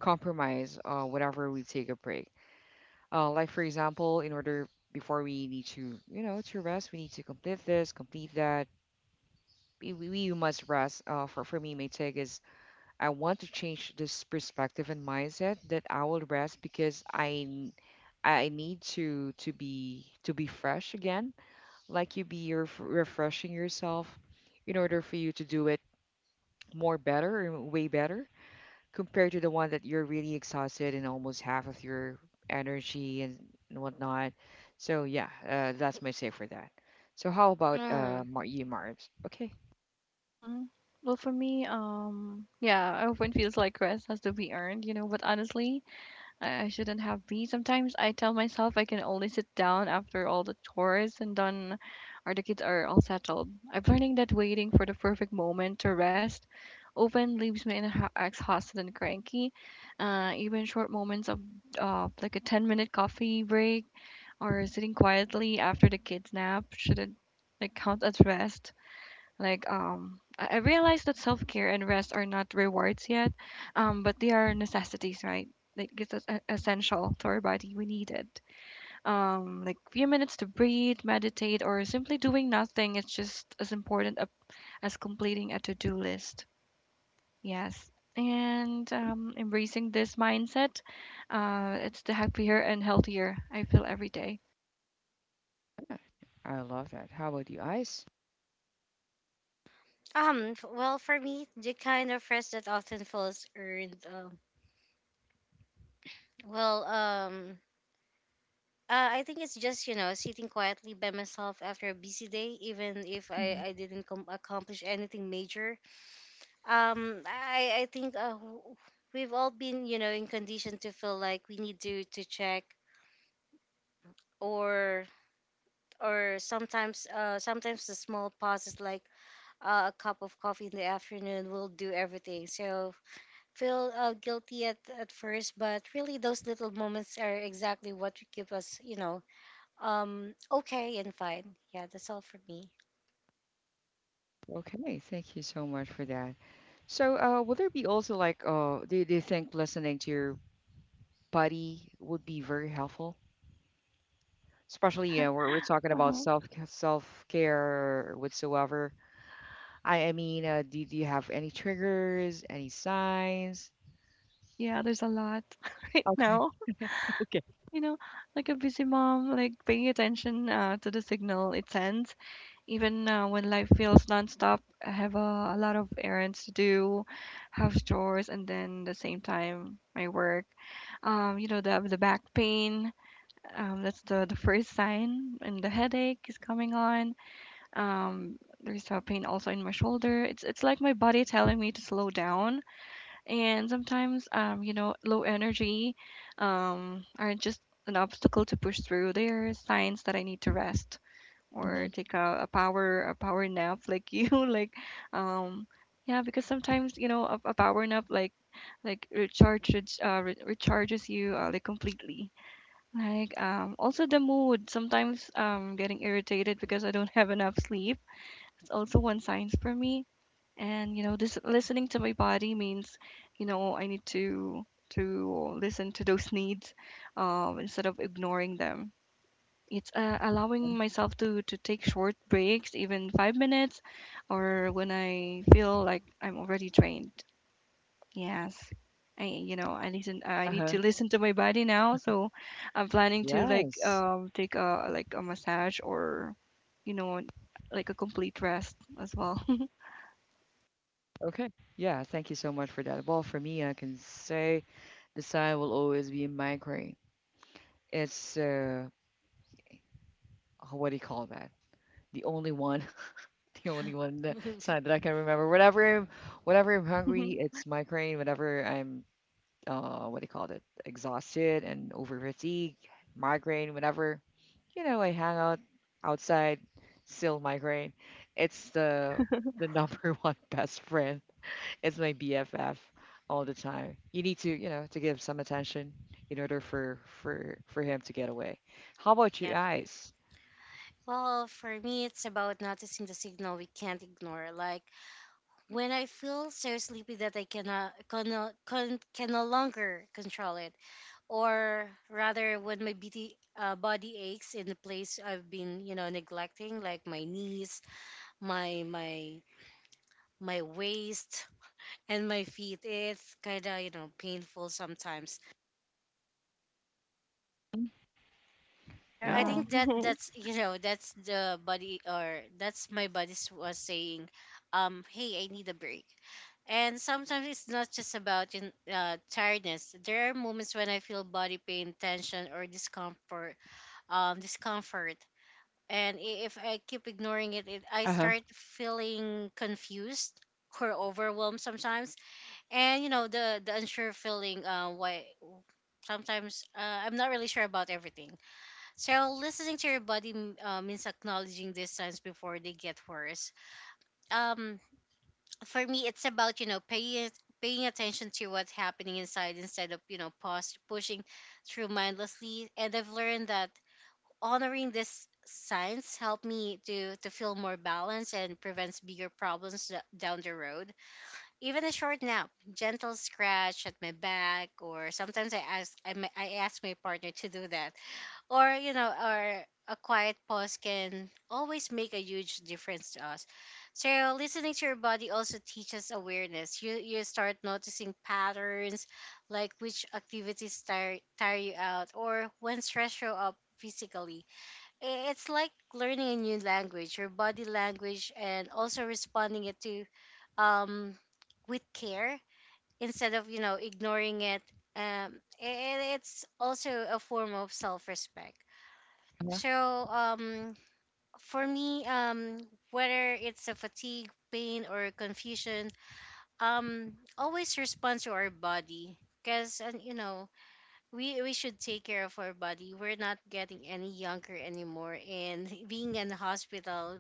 compromise whenever we take a break? Like for example, in order, before we need to, you know, to rest, we need to complete this, complete that. We must rest. For me, my take is, I want to change this perspective and mindset that I will rest because I need to be to be fresh again. Like you be refreshing yourself in order for you to do it more better, or way better, compared to the one that you're really exhausted and almost half of your energy and whatnot. So yeah, that's my say for that. So how about Mm. You, Marbs? Okay, Mhm. Well, for me, yeah, I often feels like rest has to be earned, you know, but honestly, I shouldn't have be. Sometimes I tell myself I can only sit down after all the chores and done or the kids are all settled. I'm learning that waiting for the perfect moment to rest often leaves me in ha exhausted and cranky. Even short moments of like a 10-minute coffee break or sitting quietly after the kids nap shouldn't like count as rest. Like I realize that self care and rest are not rewards yet, but they are necessities, right? Like it's essential to our body. We need it. Like few minutes to breathe, meditate, or simply doing nothing is just as important as completing a to-do list. Yes. And embracing this mindset, it's the happier and healthier I feel every day. I love that. How about you, Ice? Well, for me, the kind of rest that often feels earned. well, um. I think it's just, you know, sitting quietly by myself after a busy day, even if I Mhm. I didn't com- accomplish anything major. I think we've all been, you know, in condition to feel like we need to check. Or, sometimes the small pauses, like a cup of coffee in the afternoon, will do everything. So feel guilty at first, but really those little moments are exactly what give us, you know, okay and fine. Yeah, that's all for me. Okay, thank you so much for that. So, would there be also like, do, do you think listening to your body would be very helpful? Especially, we're talking about Uh-huh. Self care whatsoever. I mean, do, do you have any triggers, any signs? Yeah, there's a lot right Okay. now. Okay. You know, like a busy mom, like paying attention to the signal it sends, even when life feels nonstop. I have a lot of errands to do, house chores, and then the same time my work. You know, the back pain. That's the first sign, and the headache is coming on. There's a pain also in my shoulder. It's like my body telling me to slow down, and sometimes, you know, low energy, are just an obstacle to push through. They are signs that I need to rest or Hmm. take a power nap like you like um yeah. Because sometimes you know a power nap like recharges recharges you like completely. Like also the mood, sometimes, getting irritated because I don't have enough sleep. It's also one sign for me. And you know, this listening to my body means, you know, I need to listen to those needs, instead of ignoring them. It's allowing myself to take short breaks, even 5 minutes, or when I feel like I'm already drained. Yes, I you know, I listen. I need Uh-huh. to listen to my body now. So I'm planning to like Yes. Take a like a massage or you know like a complete rest as well. Okay. Yeah, thank you so much for that. Well, for me, I can say the sign will always be a migraine. It's what do you call that? The only one, the only one, the sign that I can remember. Whenever I'm hungry, it's migraine. Whenever I'm what do you call it, exhausted and over fatigue, migraine, whenever, you know, I hang out outside, still migraine. It's The number one best friend. It's my BFF all the time. You need to, you know, to give some attention in order for him to get away. How about you Yep. guys? Well, for me, it's about noticing the signal we can't ignore. Like, when I feel so sleepy that I can no longer control it. Or rather, when my body aches in the place I've been, you know, neglecting, like my knees, my my my waist, and my feet. It's kind of, you know, painful sometimes. Mm. I Yeah. Yeah. think that that's you know, that's the body, or that's my body was saying, um, hey, I need a break. And sometimes it's not just about tiredness. There are moments when I feel body pain, tension or discomfort discomfort. And if I keep ignoring it, I Uh-huh. start feeling confused or overwhelmed sometimes. And you know, the unsure feeling, why sometimes I'm not really sure about everything. So listening to your body means acknowledging these signs before they get worse. Um, for me, it's about, you know, paying attention to what's happening inside, instead of, you know, pushing through mindlessly. And I've learned that honoring these signs help me to feel more balanced, and prevents bigger problems down the road. Even a short nap, gentle scratch at my back, or sometimes I I ask my partner to do that, or you know, or a quiet pause, can always make a huge difference to us. So listening to your body also teaches awareness. You start noticing patterns, like which activities tire you out, or when stress show up physically. I it's like learning a new language, your body language, and also responding it to, um, with care, instead of, you know, ignoring it. Um, and it's also a form of self-respect. Uh-huh. So um for me, whether it's a fatigue, pain, or confusion, always respond to our body, because, you know, we should take care of our body. We're not getting any younger anymore, and being in the hospital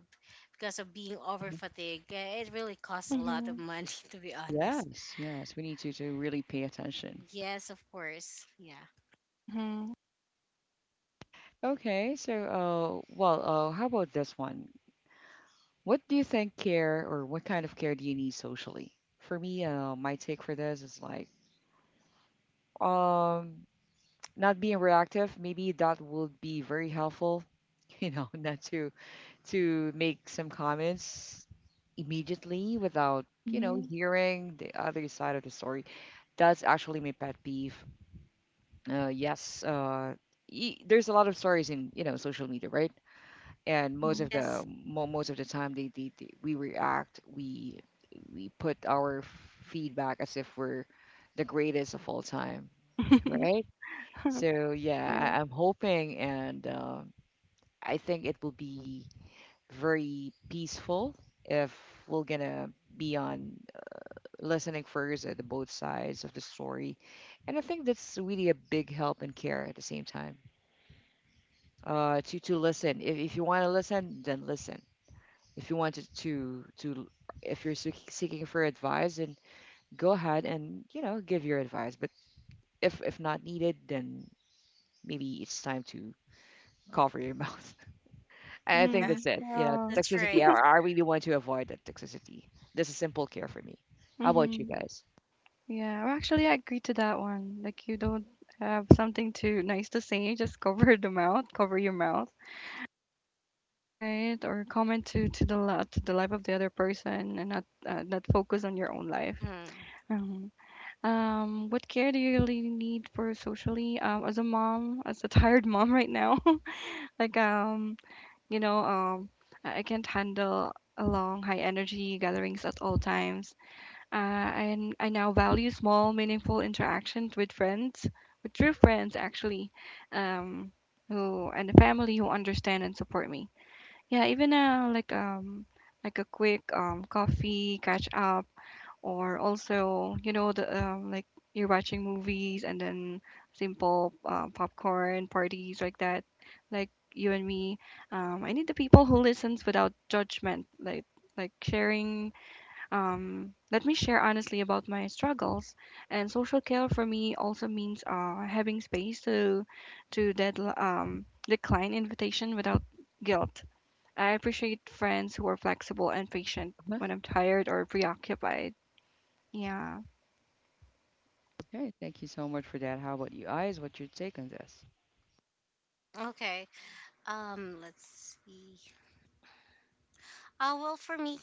because of being over fatigued, eh, it really costs a lot of Mhm. money to be honest. Yes, yes, we need to really pay attention. Yes, of course. Yeah. Mhm. Okay, so how about this one? What do you think care, or what kind of care, do you need socially? For me, my take for this is like, um not being reactive, maybe that would be very helpful, you know, not to to make some comments immediately without, you know, Mhm. hearing the other side of the story. That's actually my pet peeve. Yes, y there's a lot of stories in, you know, social media, right? And most Mhm. of Yes. Most of the time, they, we react, we put our feedback as if we're the greatest of all time, right? So yeah, Yeah. I'm hoping, and I think it will be very peaceful if we're gonna be on listening first at the both sides of the story. And I think that's really a big help and care at the same time, to listen. If you want to listen, then listen. If you wanted to, if you're seeking for advice, then go ahead and, you know, give your advice, but if not needed, then maybe it's time to cover your mouth. I think Yeah. that's Mhm. it, you know, Yeah. That's toxicity. right. I really want to avoid that toxicity. This is simple care for me. How about you Mhm. guys? Yeah, well, actually, I agree to that one. Like, you don't have something too nice to say, just cover the mouth, cover your mouth, right? Or comment to the life of the other person, and not not focus on your own life. Mm. Mhm. What care do you really need for socially? As a mom, as a tired mom right now, like You know, I can't handle a long, high energy gatherings at all times. And I now value small, meaningful interactions with friends, with true friends actually, um, who and the family who understand and support me. Yeah, even like a quick coffee catch up, or also you know the like you're watching movies and then simple popcorn parties like that, like you and me. I need the people who listens without judgment, like sharing, let me share honestly about my struggles. And social care for me also means having space to decline invitation without guilt. I appreciate friends who are flexible and patient Mhm. when I'm tired or preoccupied. Yeah. Okay, thank you so much for that. How about you, Eyes? What's your take on this? Okay. Let's see. Well, for me,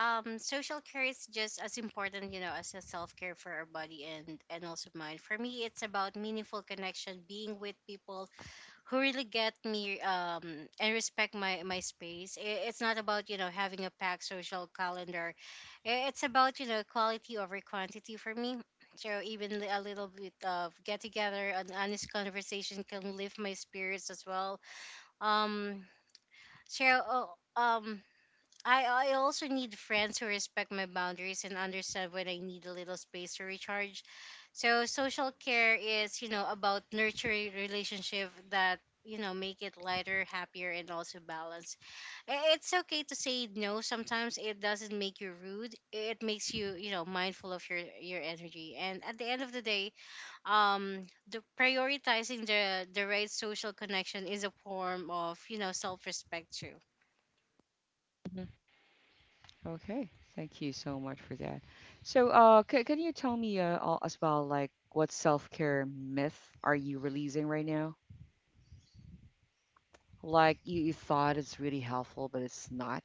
social care is just as important, you know, as a self care for our body and also mind. For me, it's about meaningful connection, being with people who really get me, and respect my space. I- it's not about, you know, having a packed social calendar. I- it's about, you know, quality over quantity for me. So even a little bit of get together, an honest conversation, can lift my spirits as well. um so oh, um I also need friends who respect my boundaries and understand when I need a little space to recharge. So social care is, you know, about nurturing relationship that, you know, make it lighter, happier, and also balanced. I- It's okay to say no sometimes. It doesn't make you rude. It makes you, you know, mindful of your energy. And at the end of the day, um the prioritizing the right social connection is a form of, you know, self-respect too. Okay, thank you so much for that. So, can you tell me, all, as well, like, what self-care myth are you releasing right now? Like, you thought it's really helpful, but it's not.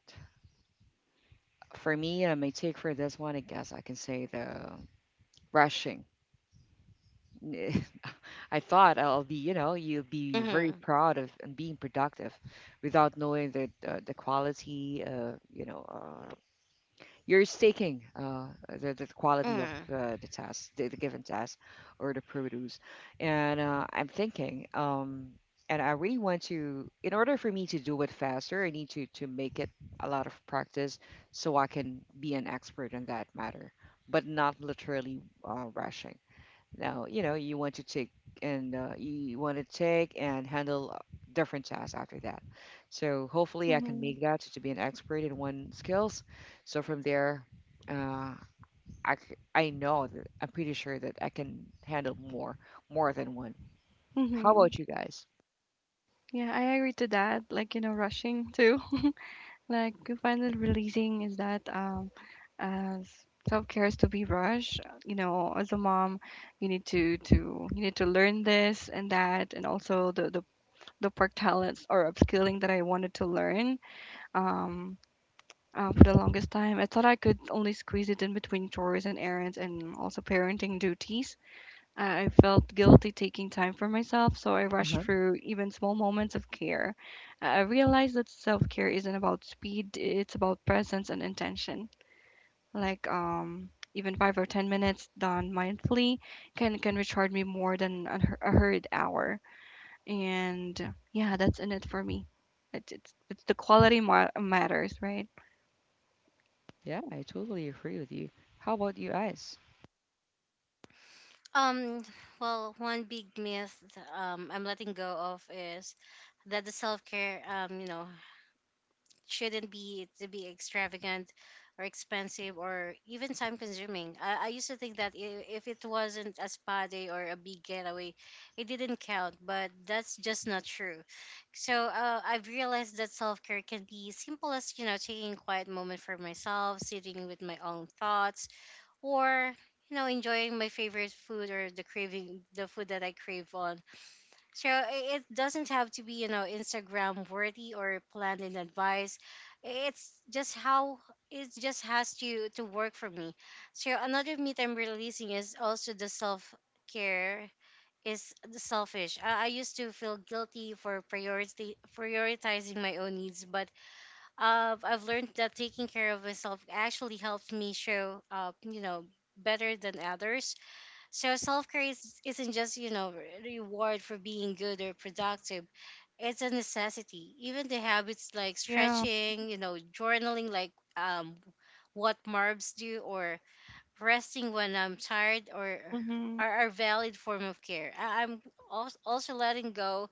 For me, my take for this one, I guess I can say, the brushing. I thought I'll be, you know, you'll be very Mhm. proud of and being productive without knowing the quality, you know, you're staking the quality of Mhm. The test, the given test, or the produce. And I'm thinking, and I really want to, in order for me to do it faster, I need to make it a lot of practice, so I can be an expert in that matter, but not literally rushing. Now, you know, you want to take and you want to take and handle different tasks after that. So hopefully I can Mhm. make that to be an expert in one skills. So from there, uh, I know that I'm pretty sure that I can handle more, more than one. How Mhm. about you guys? Yeah, I agree to that. Like, you know, rushing too. Like, finally releasing is that as self care is to be rushed. You know, as a mom, you need to learn this and that, and also the the work talents or upskilling that I wanted to learn. Um. For the longest time, I thought I could only squeeze it in between chores and errands and also parenting duties. I felt guilty taking time for myself, so I rushed Uh-huh. through even small moments of care. I realized that self care isn't about speed, it's about presence and intention. Like, even 5 or 10 minutes done mindfully can recharge me more than a hurried hour. And yeah, that's in it for me. It's the matters, right? Yeah, I totally agree with you. How about you guys? Um, well, one big myth I'm letting go of is that the self care, you know, shouldn't be to be extravagant or expensive or even time consuming. I used to think that if it wasn't a spa day or a big getaway, it didn't count, but that's just not true. So I've realized that self care can be simple as, you know, taking a quiet moment for myself, sitting with my own thoughts, or you know, enjoying my favorite food, or the craving the food that I crave on. So it doesn't have to be, you know, Instagram worthy or planned in advance. It's just how it just has to work for me. So another myth I'm releasing is also the self care is selfish. I used to feel guilty for priority prioritizing my own needs, but I've learned that taking care of myself actually helps me show up, you know, better than others. So self care is, isn't just, you know, reward for being good or productive. It's a necessity. Even the habits, like Yeah. stretching, you know, journaling, like what Marbs do, or resting when I'm tired, or hmm are valid form of care. I'm also letting go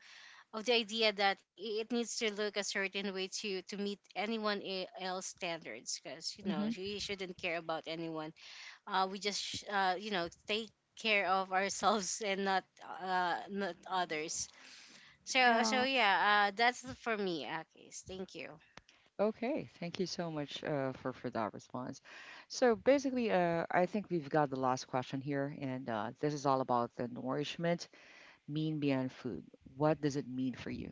of the idea that it needs to look a certain way to meet anyone else standards, because you know, we shouldn't care about anyone. We just you know, take care of ourselves, and not not others. So Yeah. yeah, that's for me, Akis. Thank you. Okay, thank you so much for that response. So basically, I think we've got the last question here, and this is all about the nourishment mean beyond food. What does it mean for you?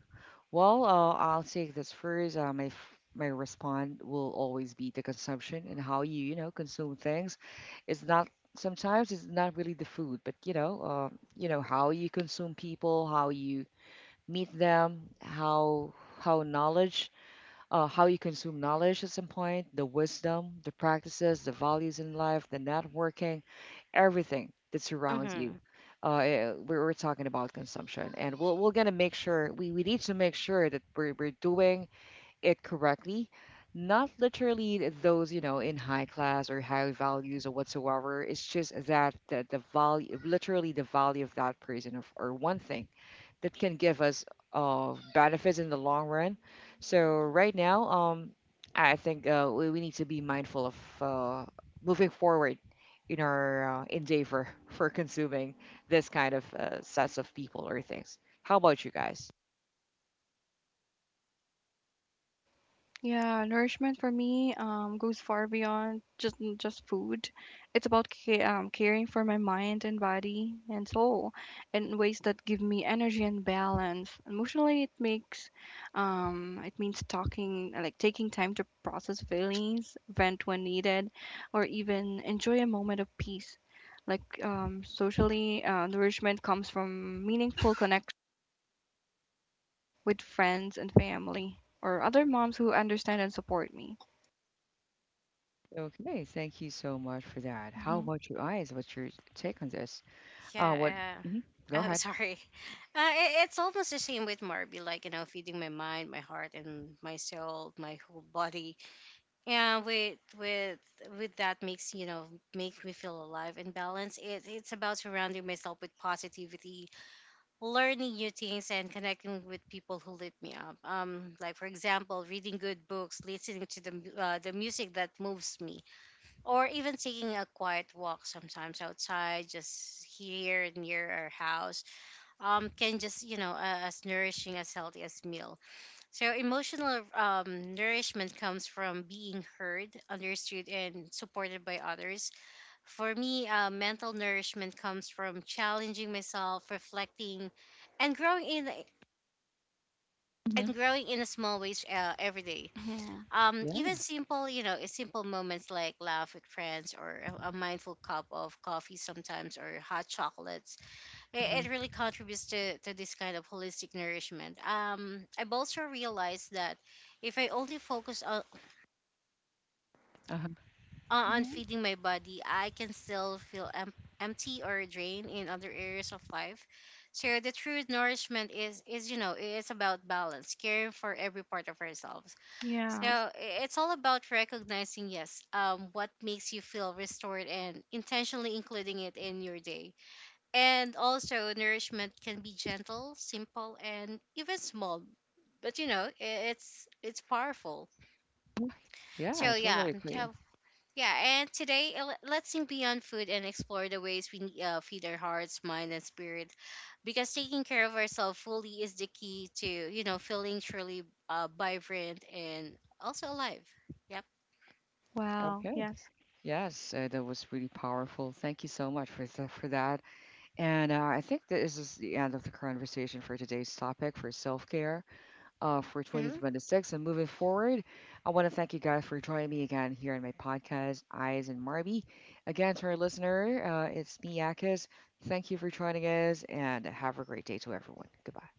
Well, I'll take this first. My response will always be the consumption and how you, you know, consume things. It's not, sometimes it's not really the food, but you know how you consume people, how you meet them, how knowledge, how you consume knowledge at some point, the wisdom, the practices, the values in life, the networking, everything that Mm-hmm. surrounds you. We we're talking about consumption, and we're going to make sure we need to make sure that we're doing it correctly. Not literally those, you know, in high class or high values or whatsoever. It's just that the value, literally the value of that person of, or one thing that can give us benefits in the long run. So right now, I think we need to be mindful of uh, moving forward in our endeavor for consuming this kind of sets of people or things. How about you guys? Yeah, nourishment for me goes far beyond just food. It's about ca caring for my mind and body and soul in ways that give me energy and balance. Emotionally, it means talking like taking time to process feelings, vent when needed, or even enjoy a moment of peace. Like socially, nourishment comes from meaningful connection with friends and family or other moms who understand and support me. Okay, thank you so much for that. How Mhm. about you guys? What's your take on this? What? Yeah. uh Mhm. Go I'm ahead. sorry. I it's almost the same with Marby, like, you know, feeding my mind, my heart, and my soul, my whole body. And with that makes, you know, make me feel alive and balanced. It, it's about surrounding myself with positivity, learning new things, and connecting with people who lift me up, um, like for example, reading good books, listening to the music that moves me, or even taking a quiet walk sometimes outside, just here near our house, can just, you know, as nourishing as healthy as meal. So emotional, nourishment comes from being heard, understood, and supported by others. For me, mental nourishment comes from challenging myself, reflecting, and growing in Hmm. and growing in a small ways every day. Mhm. Even Yeah. simple, you know, simple moments like laugh with friends, or a mindful cup of coffee, sometimes, or hot chocolates, it, Hmm. it really contributes to this kind of holistic nourishment. I've also realized that if I only focus Uh-huh. on Mhm. feeding my body, I can still feel empty or drained in other areas of life. So the true nourishment is, you know, it's about balance, caring for every part of ourselves. So Yes. It's all about recognizing, yes, what makes you feel restored, and intentionally including it in your day. And also, nourishment can be gentle, simple, and even small. But you know, it's powerful. Yeah, So I yeah, totally agree. yeah, yeah. And today, let's think beyond food and explore the ways we feed our hearts, mind, and spirit. Because taking care of ourselves fully is the key to, you know, feeling truly vibrant and also alive. Yep. Wow. Okay. Yes. Yes, that was really powerful. Thank you so much for for that. And I think this is the end of the conversation for today's topic for self care for Mm-hmm. 2026. And moving forward, I want to thank you guys for joining me again here in my podcast, Eyes and Marby. Again, to our listener, it's me, Akis. Thank you for joining us, and have a great day to everyone. Goodbye.